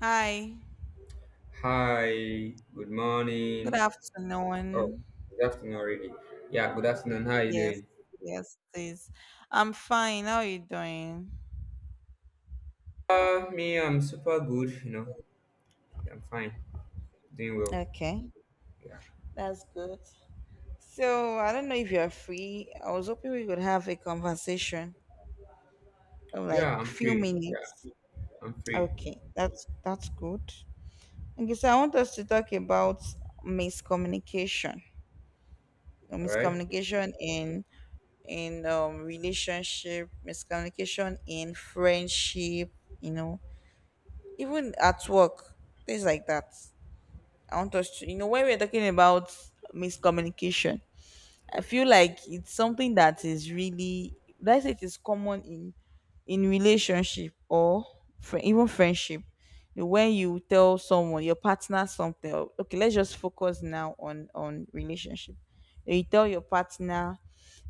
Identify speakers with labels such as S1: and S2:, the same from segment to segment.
S1: Hi,
S2: Hi, good
S1: good
S2: morning. Oh,
S1: afternoon.
S2: good afternoon already. Yeah, good afternoon. How are you
S1: Yes,
S2: doing?
S1: yes, please. I'm fine. How are you doing?
S2: Me, I'm super good. You know, I'm fine, doing well.
S1: Okay,
S2: Yeah,
S1: that's good. So, I don't know if you're free. I was hoping we could have a conversation of like
S2: yeah, I'm
S1: few
S2: free. Yeah,
S1: minutes.
S2: I'm free.
S1: Okay, that's good. Okay, so I want us to talk about miscommunication.
S2: All right.
S1: Miscommunication in in relationship, miscommunication in friendship, you know, even at work, things like that. I want us to, you know, when we're talking about miscommunication, I feel like it's something that is really, would I say it is common in relationship or fri even friendship, you know, when you tell someone, your partner, something okay, let's just focus now on relationship. You tell your partner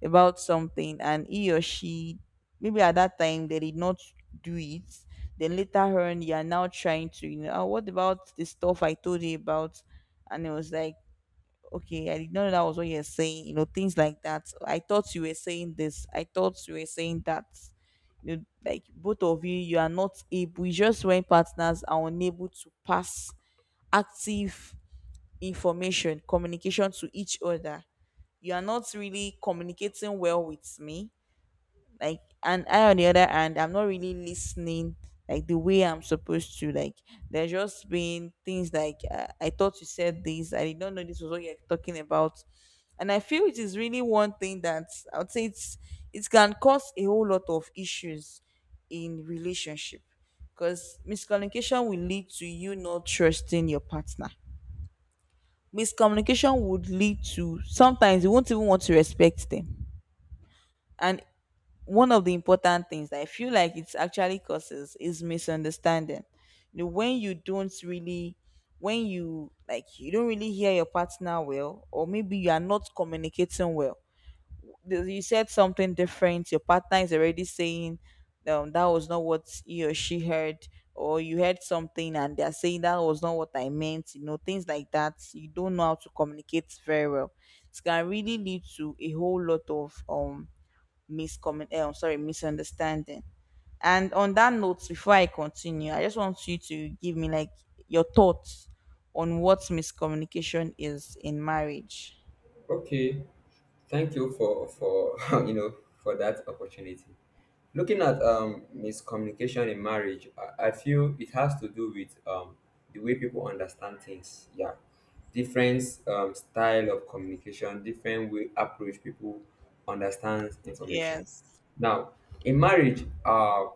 S1: about something and he or she, maybe at that time they did not do it, then later on you are now trying to, you know, "Ah, what about the stuff I told you about?" And it was like, okay, I did not know that was what you're saying. You know, things like that. So, I thought you were saying this. I thought you were saying that. You know, like both of you, you are not able. You just, when partners are unable to pass active information, communication to each other. You are not really communicating well with me, like, and I on the other hand I'm not really listening like the way I'm supposed to, like, there's just been things like I thought you said this, I did not know this was what you're talking about. And I feel it is really one thing that I would say it's, it can cause a whole lot of issues in relationship, because miscommunication will lead to you not trusting your partner. Miscommunication would lead to sometimes you won't even want to respect them. And one of the important things that I feel like it's actually causes is misunderstanding. You know, when you don't really, when you, like, you don't really hear your partner well, or maybe you are not communicating well. You said something different. Your partner is already saying, that was not what he or she heard, or you heard something and they're saying that was not what I meant. You know, things like that. You don't know how to communicate very well. It can really lead to a whole lot of I'm sorry, misunderstanding. And on that note, before I continue, I just want you to give me like your thoughts on what miscommunication is in marriage.
S2: Okay. Thank you for you know for that opportunity. Looking at miscommunication in marriage, I feel it has to do with the way people understand things. Yeah, different style of communication, different way approach people understands information.
S1: Yes.
S2: Now, in marriage,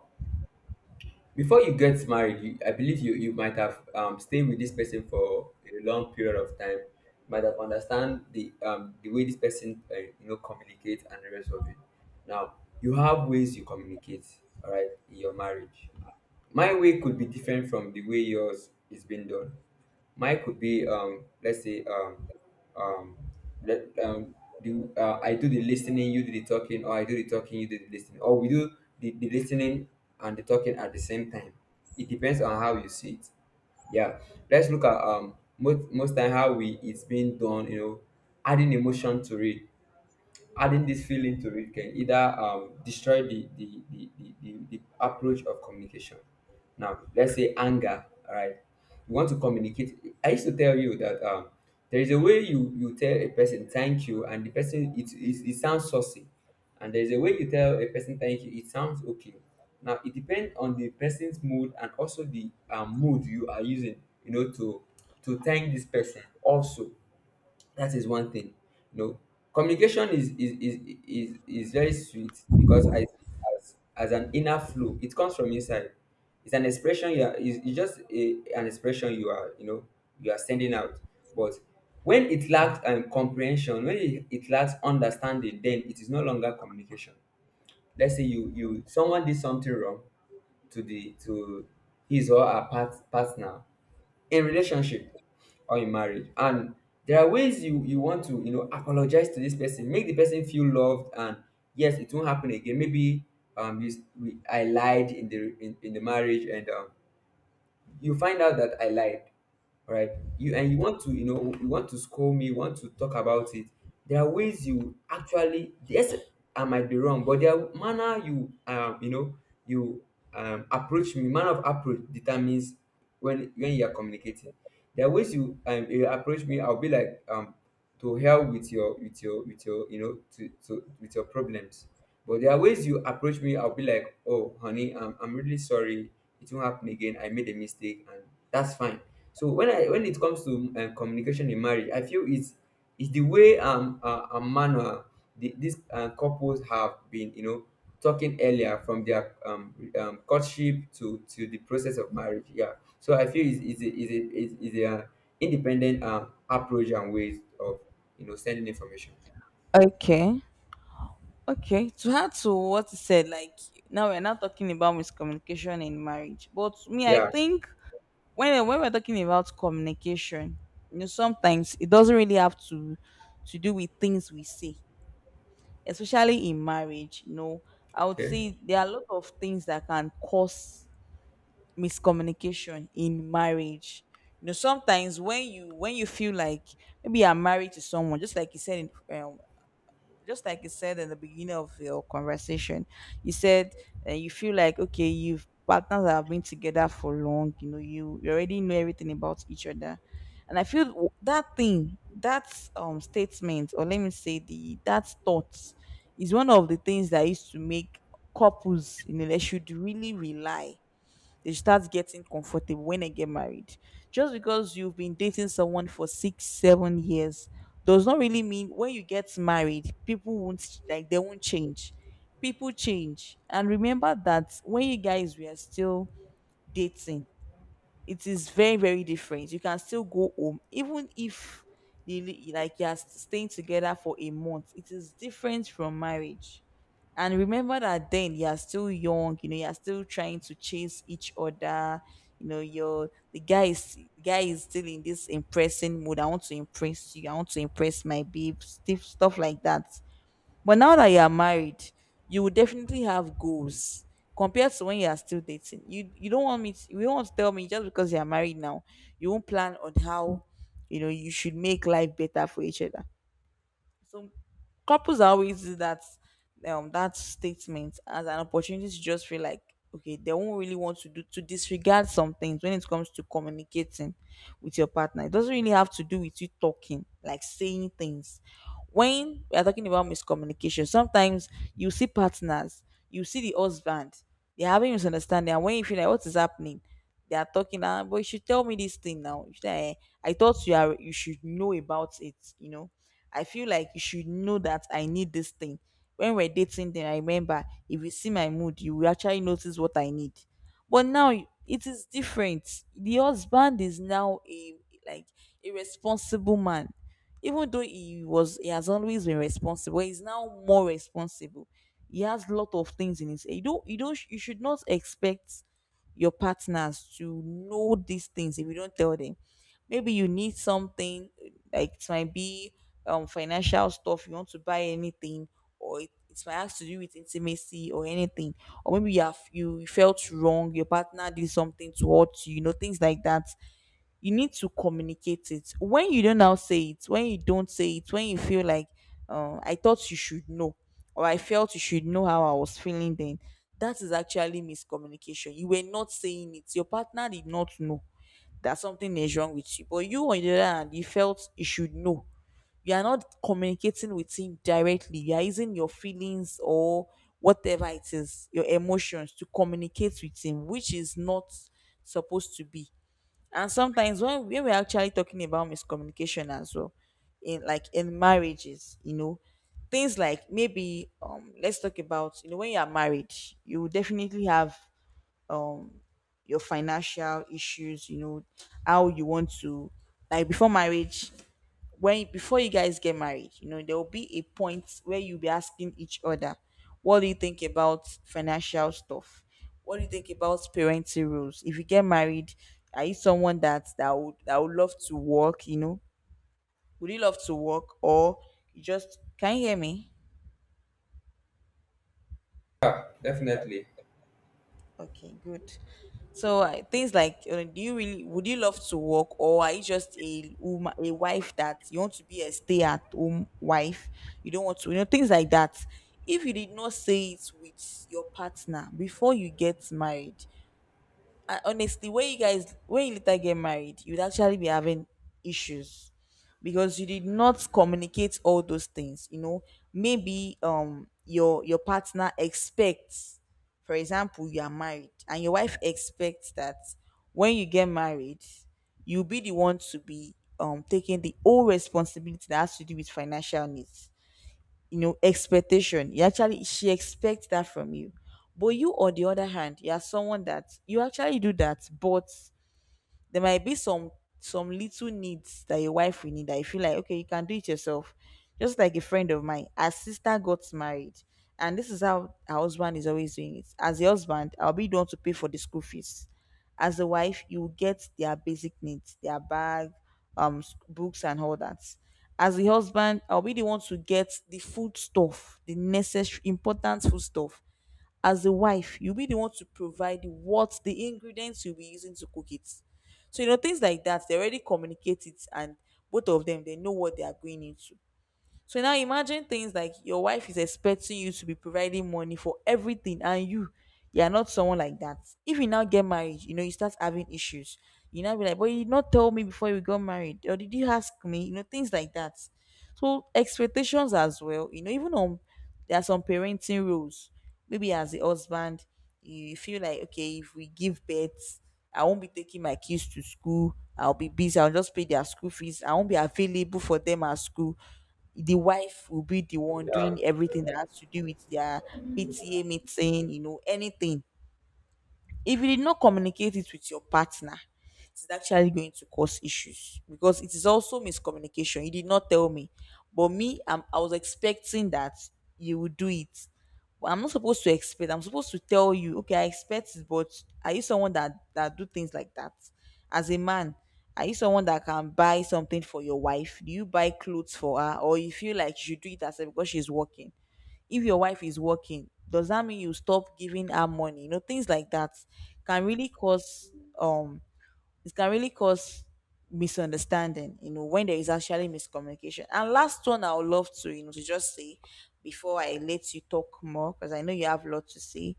S2: before you get married you, I believe you might have stayed with this person for a long period of time. You might have understand the way this person you know communicate and the rest of it. Now, you have ways you communicate, all right, in your marriage. My way could be different from the way yours is being done. Mine could be let's say um, let, um, I do the listening, you do the talking, or I do the talking, you do the listening, or we do the listening and the talking at the same time. It depends on how you see it. Yeah, let's look at most time how we it's being done. You know, adding emotion to it, adding this feeling to it can either destroy the approach of communication. Now, let's say anger, all right? You want to communicate. I used to tell you that there is a way you tell a person thank you, and the person, it sounds saucy. And there is a way you tell a person thank you, it sounds okay. Now, it depends on the person's mood and also the mood you are using, you know, to thank this person also. That is one thing, you know. Communication is is very sweet because I see it as an inner flow. It comes from inside. It's an expression you are, it's just a, an expression you are, you know, you are sending out. But when it lacks comprehension, when it lacks understanding, then it is no longer communication. Let's say you someone did something wrong to the to his or her partner in relationship or in marriage. And there are ways you want to, you know, apologize to this person, make the person feel loved and yes, it won't happen again. Maybe I lied in the in the marriage and you find out that I lied, right? You and you want to, you know, you want to scold me, you want to talk about it. There are ways you actually, yes, I might be wrong, but there are manner you, you know, you approach me. Manner of approach determines when you are communicating. There are ways you you approach me. I'll be like to hell with your with your you know to with your problems. But there are ways you approach me. I'll be like, oh honey, I'm really sorry, it won't happen again. I made a mistake, and that's fine. So when I when it comes to communication in marriage, I feel it's the way a manual, these couples have been, you know, talking earlier from their courtship to the process of marriage. Yeah, so I feel it's is a, independent approach and ways of, you know, sending information.
S1: Okay. Okay. To add to what you said, like, now we're not talking about miscommunication in marriage. But me, I
S2: Yeah,
S1: think when we're talking about communication, you know, sometimes it doesn't really have to do with things we say, especially in marriage. You know, I would
S2: okay,
S1: say there are a lot of things that can cause miscommunication in marriage. You know, sometimes when you feel like maybe you're married to someone, just like you said in, um, just like you said in the beginning of your conversation, you said, you feel like okay, you've partners that have been together for long. You know, you already know everything about each other, and I feel that thing, that statement, or let me say the that thought, is one of the things that used to make couples in a relationship really rely, they start getting comfortable when they get married. Just because you've been dating someone for 6, 7 years does not really mean when you get married, people won't, like, they won't change. People change. And remember that when you guys were still dating, it is very very different, you can still go home even if like you are staying together for a month, it is different from marriage. And remember that then you are still young, you know, you are still trying to chase each other. You know, you're the guy is still in this impressing mood, I want to impress you, I want to impress my babe, stuff like that. But now that you are married, you will definitely have goals compared to when you are still dating. You don't want me to, you don't want to tell me, just because you are married now, you won't plan on how, you know, you should make life better for each other. So couples are always use that that statement as an opportunity to just feel like okay, they won't really want to do to disregard some things when it comes to communicating with your partner. It doesn't really have to do with you talking, like, saying things. When we are talking about miscommunication sometimes, you see partners, you see the husband, they're having misunderstanding, and when you feel like what is happening, they are talking, "Ah, but you should tell me this thing now. You should, I thought you are, you should know about it, you know. I feel like you should know that I need this thing. When we're dating, then I remember if you see my mood, you will actually notice what I need. But now it is different." The husband is now a, like, a responsible man. Even though he has always been responsible, he's now more responsible. He has a lot of things in his, you don't you should not expect your partners to know these things if you don't tell them. Maybe you need something, like, it might be financial stuff, you want to buy anything, or it might have to do with intimacy or anything, or maybe you have, you felt wrong, your partner did something to hurt you, you know, things like that. You need to communicate it. When you don't now say it, when you don't say it, when you feel like, I thought you should know, or I felt you should know how I was feeling then, that is actually miscommunication. You were not saying it, your partner did not know that something is wrong with you, but you on the other hand you felt you should know. You are not communicating with him directly, you are using your feelings or whatever it is, your emotions, to communicate with him, which is not supposed to be. And sometimes when we're actually talking about miscommunication as well, in, like, in marriages, you know, things like maybe, let's talk about, you know, when you are married you will definitely have um your financial issues, you know, how you want to, like, before marriage, when before you guys get married, you know, there will be a point where you'll be asking each other, what do you think about financial stuff? What do you think about parenting rules? If you get married, are you someone that would that would love to work, you know? Would you love to work or you just, can you hear me?
S2: definitely,
S1: Okay, good. So things like, do you really, would you love to work, or are you just a woman, a wife that you want to be a stay-at-home wife? You don't want to, you know, things like that. If you did not say it with your partner before you get married, I, honestly, when you guys, when you later get married, you'd actually be having issues because you did not communicate all those things. You know, maybe your partner expects, for example, you are married, and your wife expects that when you get married, you'll be the one to be taking the whole responsibility that has to do with financial needs, you know. Expectation, you actually, she expects that from you, but you on the other hand, you are someone that you actually do that, but there might be some little needs that your wife will need that you feel like okay, you can do it yourself. Just like a friend of mine, her sister got married, and this is how her husband is always doing it: as a husband, I'll be the one to pay for the school fees, as a wife you will get their basic needs, their bag, books and all that. As a husband, I'll be the one to get the food stuff, the necessary important food stuff, as a wife, you'll be the one to provide what, the ingredients you'll be using to cook it. So, you know, things like that, they already communicate it, and both of them, they know what they are going into. So now imagine things like your wife is expecting you to be providing money for everything and you are not someone like that. If you now get married, you know, you start having issues. You now be like, but you did not tell me before you got married, or did you ask me? You know, things like that. So expectations as well, you know, even on there are some parenting rules. Maybe as a husband, you feel like okay, if we give birth, I won't be taking my kids to school. I'll be busy. I'll just pay their school fees. I won't be available for them at school. The wife will be the one doing everything that has to do with their PTA meeting, you know, anything if you did not communicate it with your partner, it's actually going to cause issues because it is also miscommunication. You did not tell me, but me, I was expecting that you would do it. But I'm not supposed to expect. I'm supposed to tell you, okay, I expect it, but are you someone that do things like that? As a man, are you someone that can buy something for your wife? Do you buy clothes for her, or you feel like you should do it herself because she's working? If your wife is working, does that mean you stop giving her money? You know, things like that can really cause um it can really cause misunderstanding, you know, when there is actually miscommunication. And last one, I would love to, you know, to just say before I let you talk more, because I know you have a lot to say.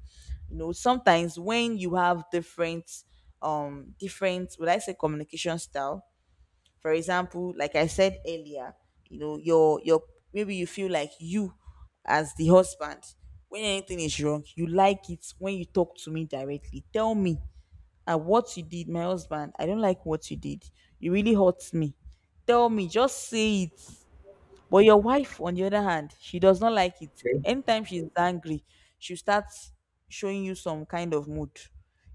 S1: You know, sometimes when you have different different, would I say, communication style, for example, like I said earlier, you know, your maybe you feel like you as the husband, when anything is wrong, you like it when you talk to me directly. Tell me what you did, my husband. I don't like what you did. You really hurt me. Tell me, just say it. But your wife, on the other hand, she does not like it.
S2: okay,
S1: Anytime she's angry, she starts showing you some kind of mood.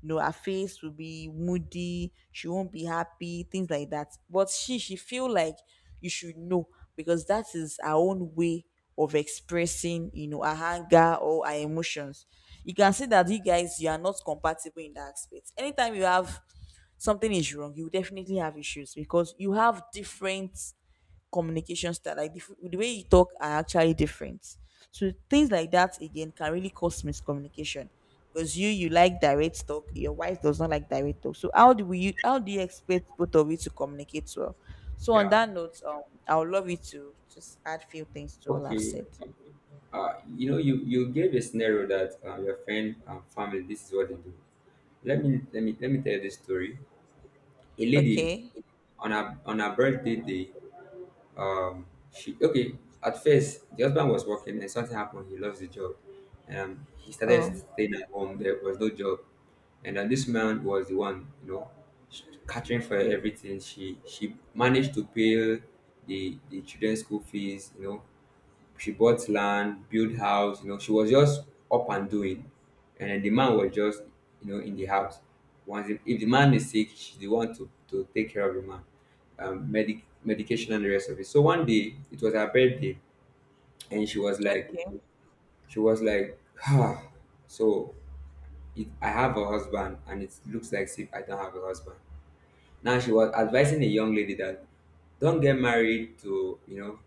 S1: You know, her face will be moody, she won't be happy, things like that. But she feel like you should know, because that is her own way of expressing, you know, her anger or her emotions. You can see that you guys, you are not compatible in that aspect. Anytime you have something is wrong, you definitely have issues because you have different communication style. Like the, the way you talk are actually different. So things like that again can really cause miscommunication, because you like direct talk, your wife does not like direct talk. So how do we, how do you expect both of you to communicate well? So on
S2: yeah,
S1: that note, I would love you to just add few things to all I've
S2: okay.
S1: said.
S2: You know, you gave a scenario that your friend and family. This is what they do. Let me let me tell you this story. A lady
S1: Okay.
S2: on her birthday day. Um, she okay. At first, the husband was working, and something happened. He lost the job. He started
S1: Oh.
S2: staying at home. There was no job, and then this man was the one, you know, sh- catering for everything. She managed to pay the children's school fees. You know, she bought land, built house, you know, she was just up and doing. And then the man was just, you know, in the house. Once if the man is sick, she's the one to take care of the man. Medication and the rest of it. So one day it was her birthday, and she was like
S1: Okay.
S2: she was like ah, so it, I have a husband and it looks like if I don't have a husband. Now she was advising a young lady that don't get married to, you know,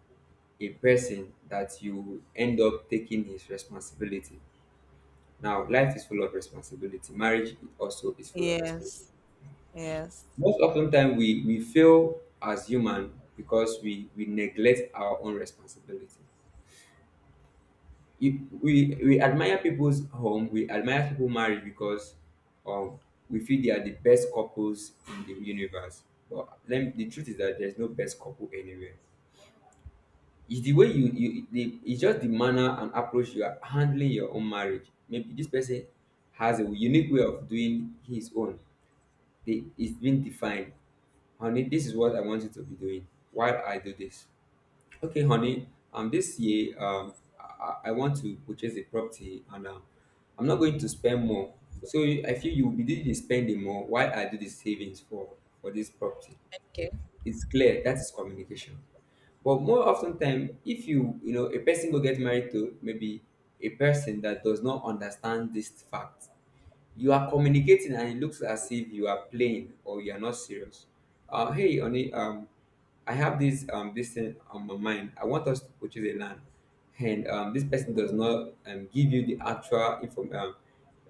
S2: a person that you end up taking his responsibility. Now, life is full of responsibility. Marriage also is full of responsibility.
S1: Yes. Yes.
S2: Most often time we fail as human because we neglect our own responsibility. If we admire people's home, we admire people's marriage because um, we feel they are the best couples in the universe. But let me- the truth is that there's no best couple anywhere. It's the way you you the it's just the manner and approach you are handling your own marriage. Maybe this person has a unique way of doing his own. They, it's been defined. Honey, this is what I want you to be doing while I do this. Okay, honey. This year, I want to purchase a property, and I'm not going to spend more. So you- I feel you will be doing the spending more while I do the savings for this property.
S1: Okay.
S2: It's clear that is communication. But more often time, if you know a person go get married to maybe a person that does not understand this fact, you are communicating and it looks as if you are playing or you are not serious. Hey, honey, I have this thing on my mind. I want us to purchase a land, and this person does not, give you the actual inform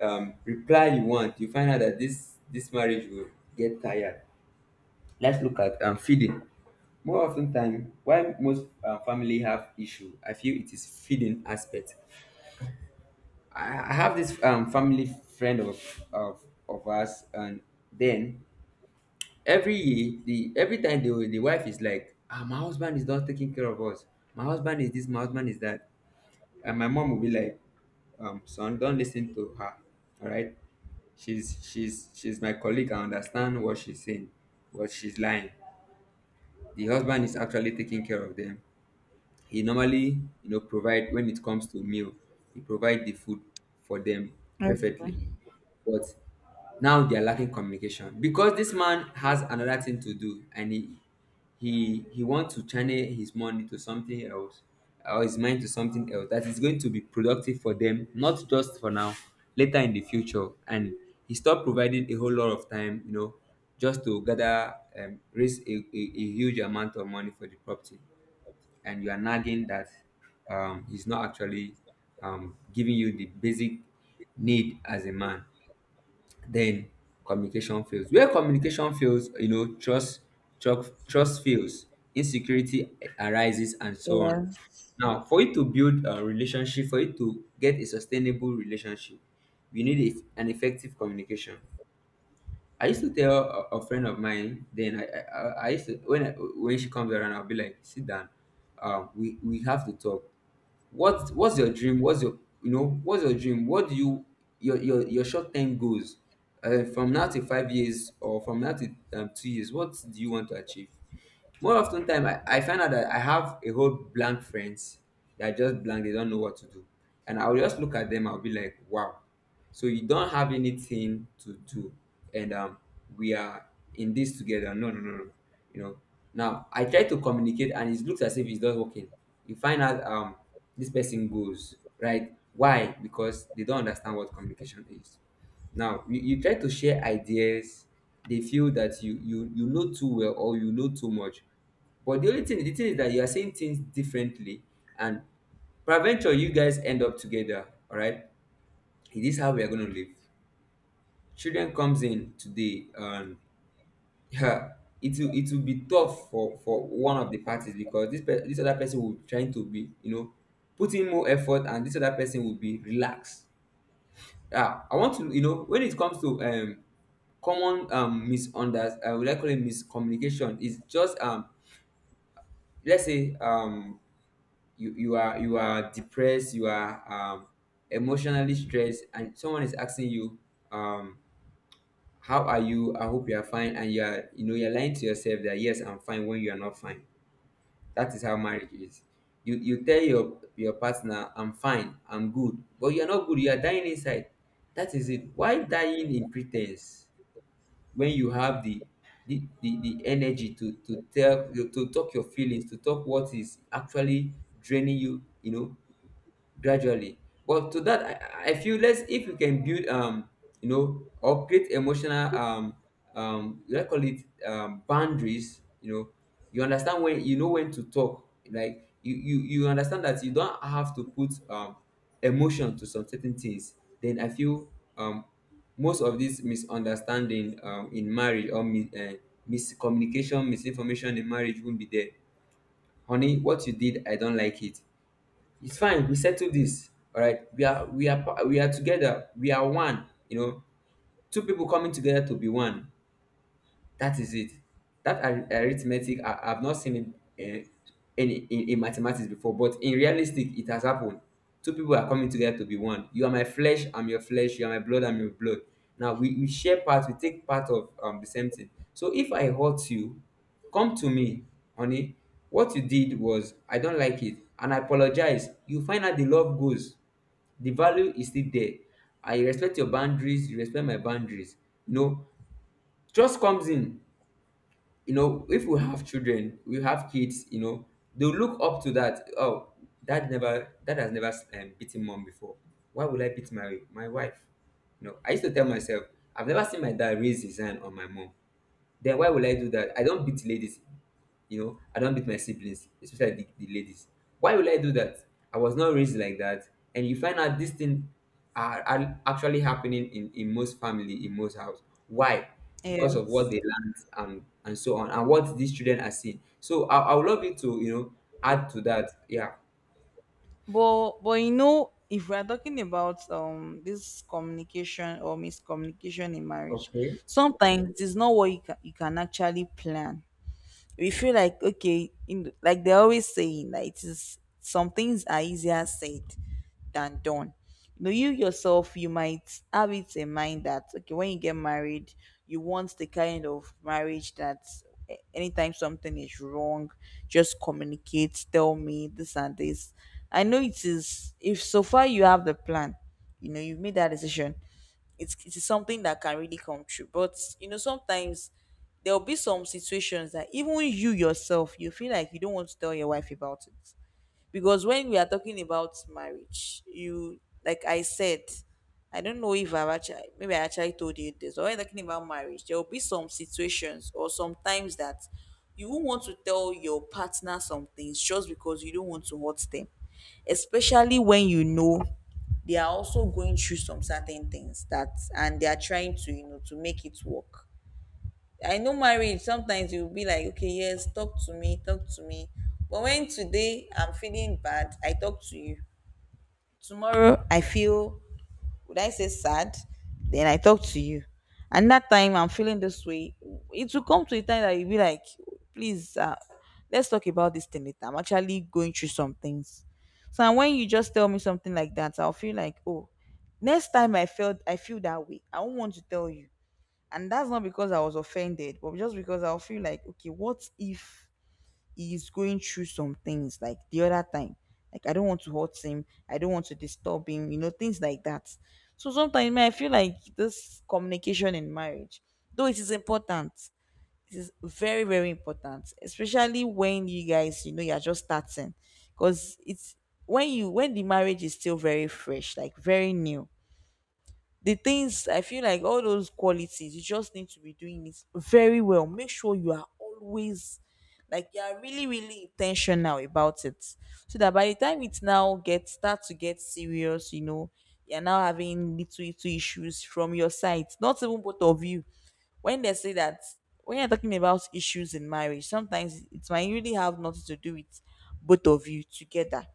S2: reply you want. You find out that this marriage will get tired. Let's look at feeding. More often time, why most family have issue, I feel it is feeding aspect. I have this family friend of, of us, and then every year, the every time the wife is like, ah, my husband is not taking care of us. My husband is this, my husband is that, and my mom will be like, son, don't listen to her. All right, she's she's my colleague. I understand what she's saying, but she's lying. The husband is actually taking care of them. He normally, you know, provide when it comes to meal. He provide the food for them perfectly.
S1: Okay.
S2: But now they are lacking communication because this man has another thing to do, and he wants to channel his money to something else, or his mind to something else that is going to be productive for them, not just for now, later in the future. And he stopped providing a whole lot of time, you know, just to gather, raise a, a huge amount of money for the property, and you are nagging that, he's not actually, giving you the basic need as a man. Then communication fails. Where communication fails, you know, trust, trust fails, insecurity arises, and so on.
S1: Yes.
S2: Now for you to build a relationship, for you to get a sustainable relationship, you need an effective communication. I used to tell a friend of mine then. I used to, when when she comes around, I'll be like, sit down, we have to talk. What what's your dream? What's your, you know, what's your dream? What do you, your short term goals, from now to 5 years, or from now to 2 years, what do you want to achieve? More often time, I find out that I have a whole blank friends that are just blank. They don't know what to do. And I'll just look at them, I'll be like, wow. So you don't have anything to do. And we are in this together. No, no, no, no. You know, now I try to communicate and it looks as if it's not working. You find out this person goes, right? Why? Because they don't understand what communication is. Now you try to share ideas, they feel that you know too well or you know too much, but the thing is that you are saying things differently, and peradventure you guys end up together. All right, this is how we are going to live. Children comes in today, and yeah, it will be tough for one of the parties because this other person will be trying to be, you know, putting more effort and this other person will be relaxed. Yeah, I want to, you know, when it comes to common misunderstanding, I would like call it miscommunication. It's just let's say you are depressed, you are emotionally stressed, and someone is asking you, um how are you? I hope you are fine, and you are, you know, you're lying to yourself that yes, I'm fine, when you are not fine. That is how marriage is. You tell your partner I'm fine, I'm good, but you are not good. You are dying inside. That is it. Why dying in pretense, when you have the energy to tell to talk your feelings, to talk what is actually draining you, you know, gradually. But to that, I feel, let's if we can build you know, or create emotional let's call it boundaries. You know, you understand when you know when to talk. Like you understand that you don't have to put emotion to some certain things. Then I feel, um most of this misunderstanding in marriage, or miscommunication, misinformation in marriage, won't be there. Honey, what you did, I don't like it. It's fine. We settle this. All right. We are we are together. We are one. You know, two people coming together to be one. That is it. That arithmetic, I've not seen it any in mathematics before, but in realistic, it has happened. Two people are coming together to be one. You are my flesh, I'm your flesh. You are my blood, I'm your blood. Now we share part, we take part of the same thing. So if I hurt you, come to me, honey. What you did was, I don't like it, and I apologize. You find out the love goes, the value is still there. I respect your boundaries, you respect my boundaries. You know, trust comes in. You know, if we have children, we have kids, you know, they'll look up to that. Oh, dad has never, beaten mom before. Why would I beat my wife? You know, I used to tell myself I've never seen my dad raise his hand on my mom. Then why will I do that? I don't beat ladies, you know. I don't beat my siblings, especially the ladies. Why will I do that? I was not raised like that. And you find out these things are actually happening in most family, in most house. Why? Because of what
S1: Yes.
S2: they learned, and so on, and what these children are seeing. So I would love you to, you know, add to that. Yeah.
S1: But you know, if we are talking about this communication or miscommunication in marriage,
S2: Okay.
S1: sometimes it's not what you can actually plan. We feel like okay, in like they're always saying that it is, some things are easier said than done. You know, you yourself you might have it in mind that okay, when you get married, you want the kind of marriage that, eh, anytime something is wrong, just communicate, tell me this and this. I know it is, if so far you have the plan, you know, you've made that decision, it's, it is something that can really come true. But you know, sometimes there'll be some situations that even you yourself you feel like you don't want to tell your wife about it. Because when we are talking about marriage, you, like I said, I don't know if I've actually, maybe I actually told you this, but when we're talking about marriage, there'll be some situations or sometimes that you won't want to tell your partner some things just because you don't want to hurt them, especially when you know they are also going through some certain things that, and they are trying to, you know, to make it work. I know marriage, sometimes you'll be like okay, yes, talk to me, talk to me. But when today I'm feeling bad, I talk to you. Tomorrow I feel, would I say, sad? Then I talk to you. And that time I'm feeling this way, it will come to a time that you'll be like, please, let's talk about this thing later. I'm actually going through some things. So, and when you just tell me something like that, I'll feel like, oh, next time I feel that way, I won't want to tell you. And that's not because I was offended, but just because I'll feel like, okay, what if he's going through some things like the other time. Like I don't want to hurt him, I don't want to disturb him, you know, things like that. So sometimes, man, I feel like this communication in marriage, though it is important, it is very, very important, especially when you guys, you know, you're just starting. Because it's, when you, when the marriage is still very fresh, like very new, the things, I feel like all those qualities, you just need to be doing it very well. Make sure you are always, like you are really, really intentional about it. So that by the time it now gets start to get serious, you know, you're now having little little issues from your side. Not even both of you. When they say that when you're talking about issues in marriage, sometimes it might really have nothing to do with both of you together.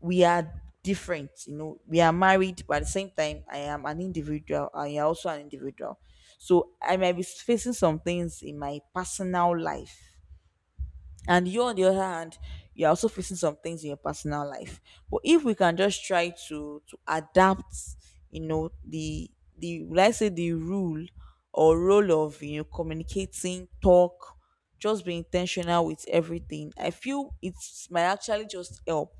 S1: We are different. You know, we are married, but at the same time I am an individual and you are also an individual. So I might be facing some things in my personal life, and you on the other hand, you're also facing some things in your personal life. But if we can just try to adapt, you know, the, let's say the rule or role of, you know, communicating, talk, just be intentional with everything, I feel it's might actually just help,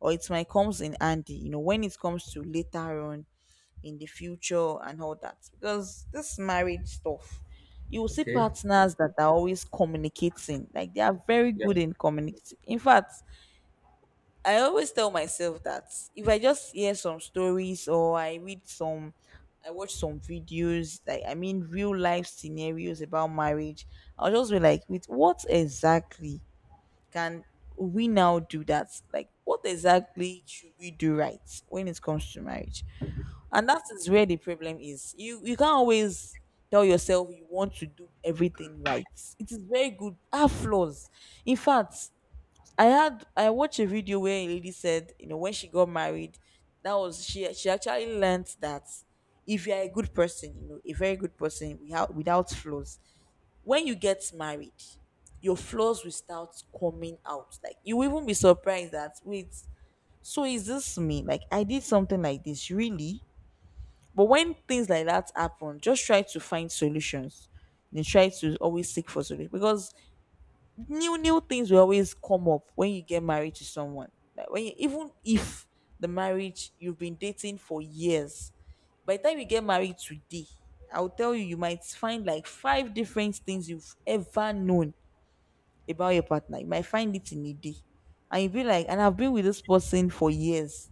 S1: or it might comes in handy, you know, when it comes to later on in the future and all that. Because this marriage stuff, you will see
S2: Okay.
S1: partners that are always communicating. Like they are very good
S2: Yeah.
S1: in communicating. In fact, I always tell myself that if I just hear some stories or I read some, I watch some videos, like I mean real life scenarios about marriage, I'll just be like, with what exactly can we now do that? Like, what exactly should we do right when it comes to marriage? And that is where the problem is. You can't always tell yourself you want to do everything right. It is very good have flaws. In fact, I watched a video where a lady said, you know, when she got married, that was she actually learnt that if you're a good person, you know, a very good person, without without flaws, when you get married, your flaws will start coming out. Like you will even be surprised that, wait, so is this me? Like I did something like this, really? But when things like that happen, just try to find solutions. And try to always seek for solutions, because new new things will always come up when you get married to someone. Like when you, even if the marriage, you've been dating for years, by the time you get married today, I'll tell you, you might find like five different things you've ever known about your partner. You might find it in a day, and you'll be like, "And I've been with this person for years."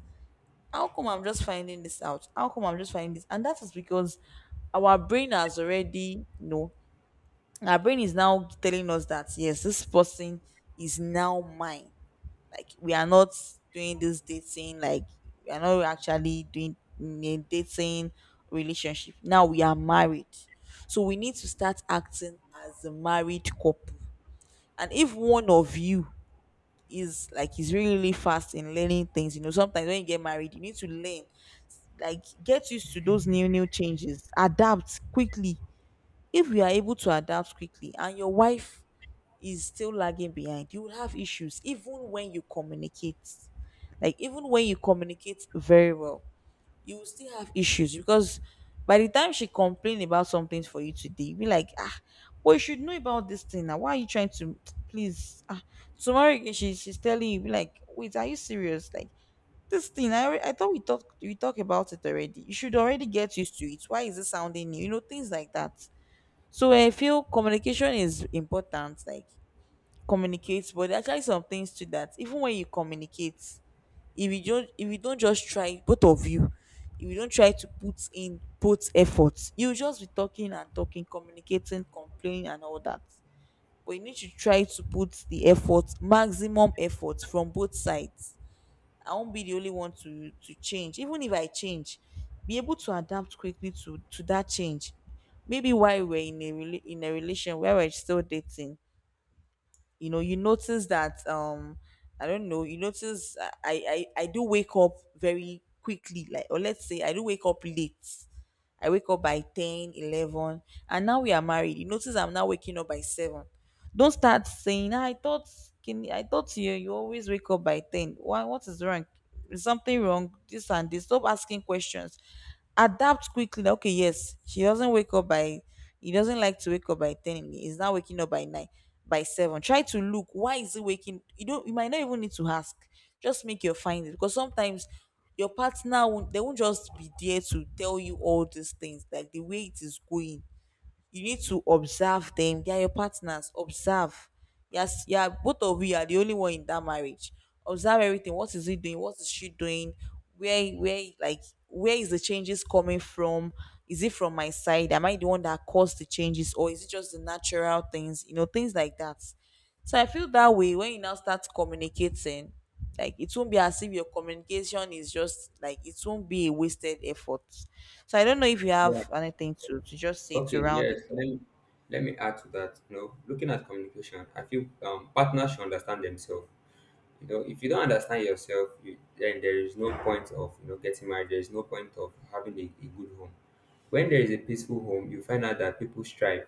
S1: How come I'm just finding this out? How come I'm just finding this? And that is because our brain has already, you know, our brain is now telling us that yes, this person is now mine. Like we are not doing this dating, like we are not actually doing a dating relationship. Now we are married. So we need to start acting as a married couple. And if one of you is like, is really, really fast in learning things, you know, sometimes when you get married, you need to learn, like get used to those new new changes, adapt quickly. If you are able to adapt quickly and your wife is still lagging behind, you will have issues even when you communicate. Like even when you communicate very well, you will still have issues, because by the time she complain about something for you today, you be like, ah, well, you should know about this thing now. Why are you trying to, please, ah, tomorrow again, she's telling you, be like, wait, are you serious? Like this thing, I thought we talked about it already. You should already get used to it. Why is it sounding new? You know, things like that. So I feel communication is important. Like communicate, but there are actually some things to that. Even when you communicate, if you don't just try, both of you, if you don't try to put in both efforts, you'll just be talking and talking, communicating, complaining and all that. But you need to try to put the effort, maximum effort from both sides. I won't be the only one to change. Even if I change, be able to adapt quickly to that change. Maybe while we're in a in a relation where we're still dating, you know, you notice that I don't know, you notice I do wake up very quickly, like, or let's say I do wake up late. I wake up by 10, 11, and now we are married. You notice I'm now waking up by 7. Don't start saying, "Ah, I thought, can I thought you you always wake up by 10. Why, what is wrong? Is something wrong? This and this. Stop asking questions. Adapt quickly." That, okay, yes, she doesn't wake up by, he doesn't like to wake up by 10, in the- he's not waking up by 9, by 7, try to look, why is he waking? You don't, you might not even need to ask, just make your findings, because sometimes your partner won't, they won't just be there to tell you all these things like the way it is going. You need to observe them. They are your partners. Observe. Yes, yeah, both of you are the only one in that marriage. Observe everything. What is he doing? What is she doing? Where like, where is the changes coming from? Is it from my side? Am I the one that caused the changes, or is it just the natural things? You know, things like that. So I feel that way, when you now start communicating, like it won't be as if your communication is just like, it won't be a wasted effort. So I don't know if you
S2: Yeah.
S1: have anything to just say to
S2: Okay.
S1: round it
S2: Yes.
S1: up.
S2: Let me add to that. You know, looking at communication, I feel, partners should understand themselves. You know, if you don't understand yourself, then there is no point of, you know, getting married. There is no point of having a good home. When there is a peaceful home, you find out that people strive,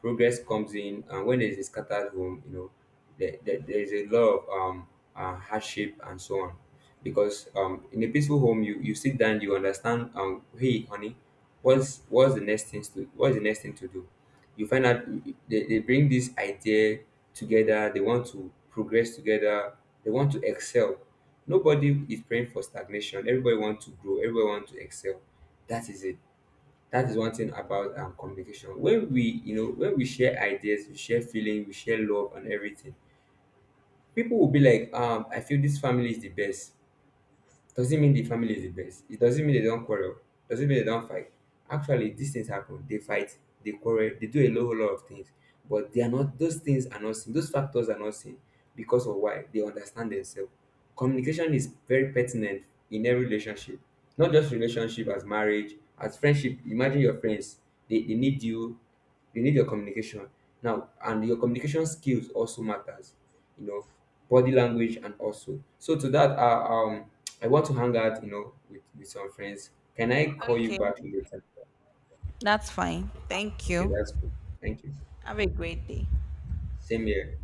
S2: progress comes in. And when there's a scattered home, you know, there's a lot of hardship and so on, because in a peaceful home, you sit down, you understand, hey honey, what's the next thing to do. You find out they bring this idea together. They want to progress together, they want to excel. Nobody is praying for stagnation, everybody wants to grow, everybody wants to excel. That is it. That is one thing about, communication. When we, you know, when we share ideas, we share feeling, we share love and everything, people will be like, I feel this family is the best. Doesn't mean the family is the best. It doesn't mean they don't quarrel. Doesn't mean they don't fight. Actually, these things happen. They fight. They quarrel. They do whole lot of things. But they are not. Those things are not seen. Those factors are not seen because of why, they understand themselves. Communication is very pertinent in every relationship, not just relationship as marriage, as friendship. Imagine your friends. They need you. They need your communication now, and your communication skills also matters. You know, body language and also. So to that, I want to hang out, you know, with, some friends. Can I call you
S1: Okay.
S2: back later?
S1: That's fine. Thank
S2: Okay,
S1: you.
S2: that's cool. Thank you.
S1: Have a great day.
S2: Same here.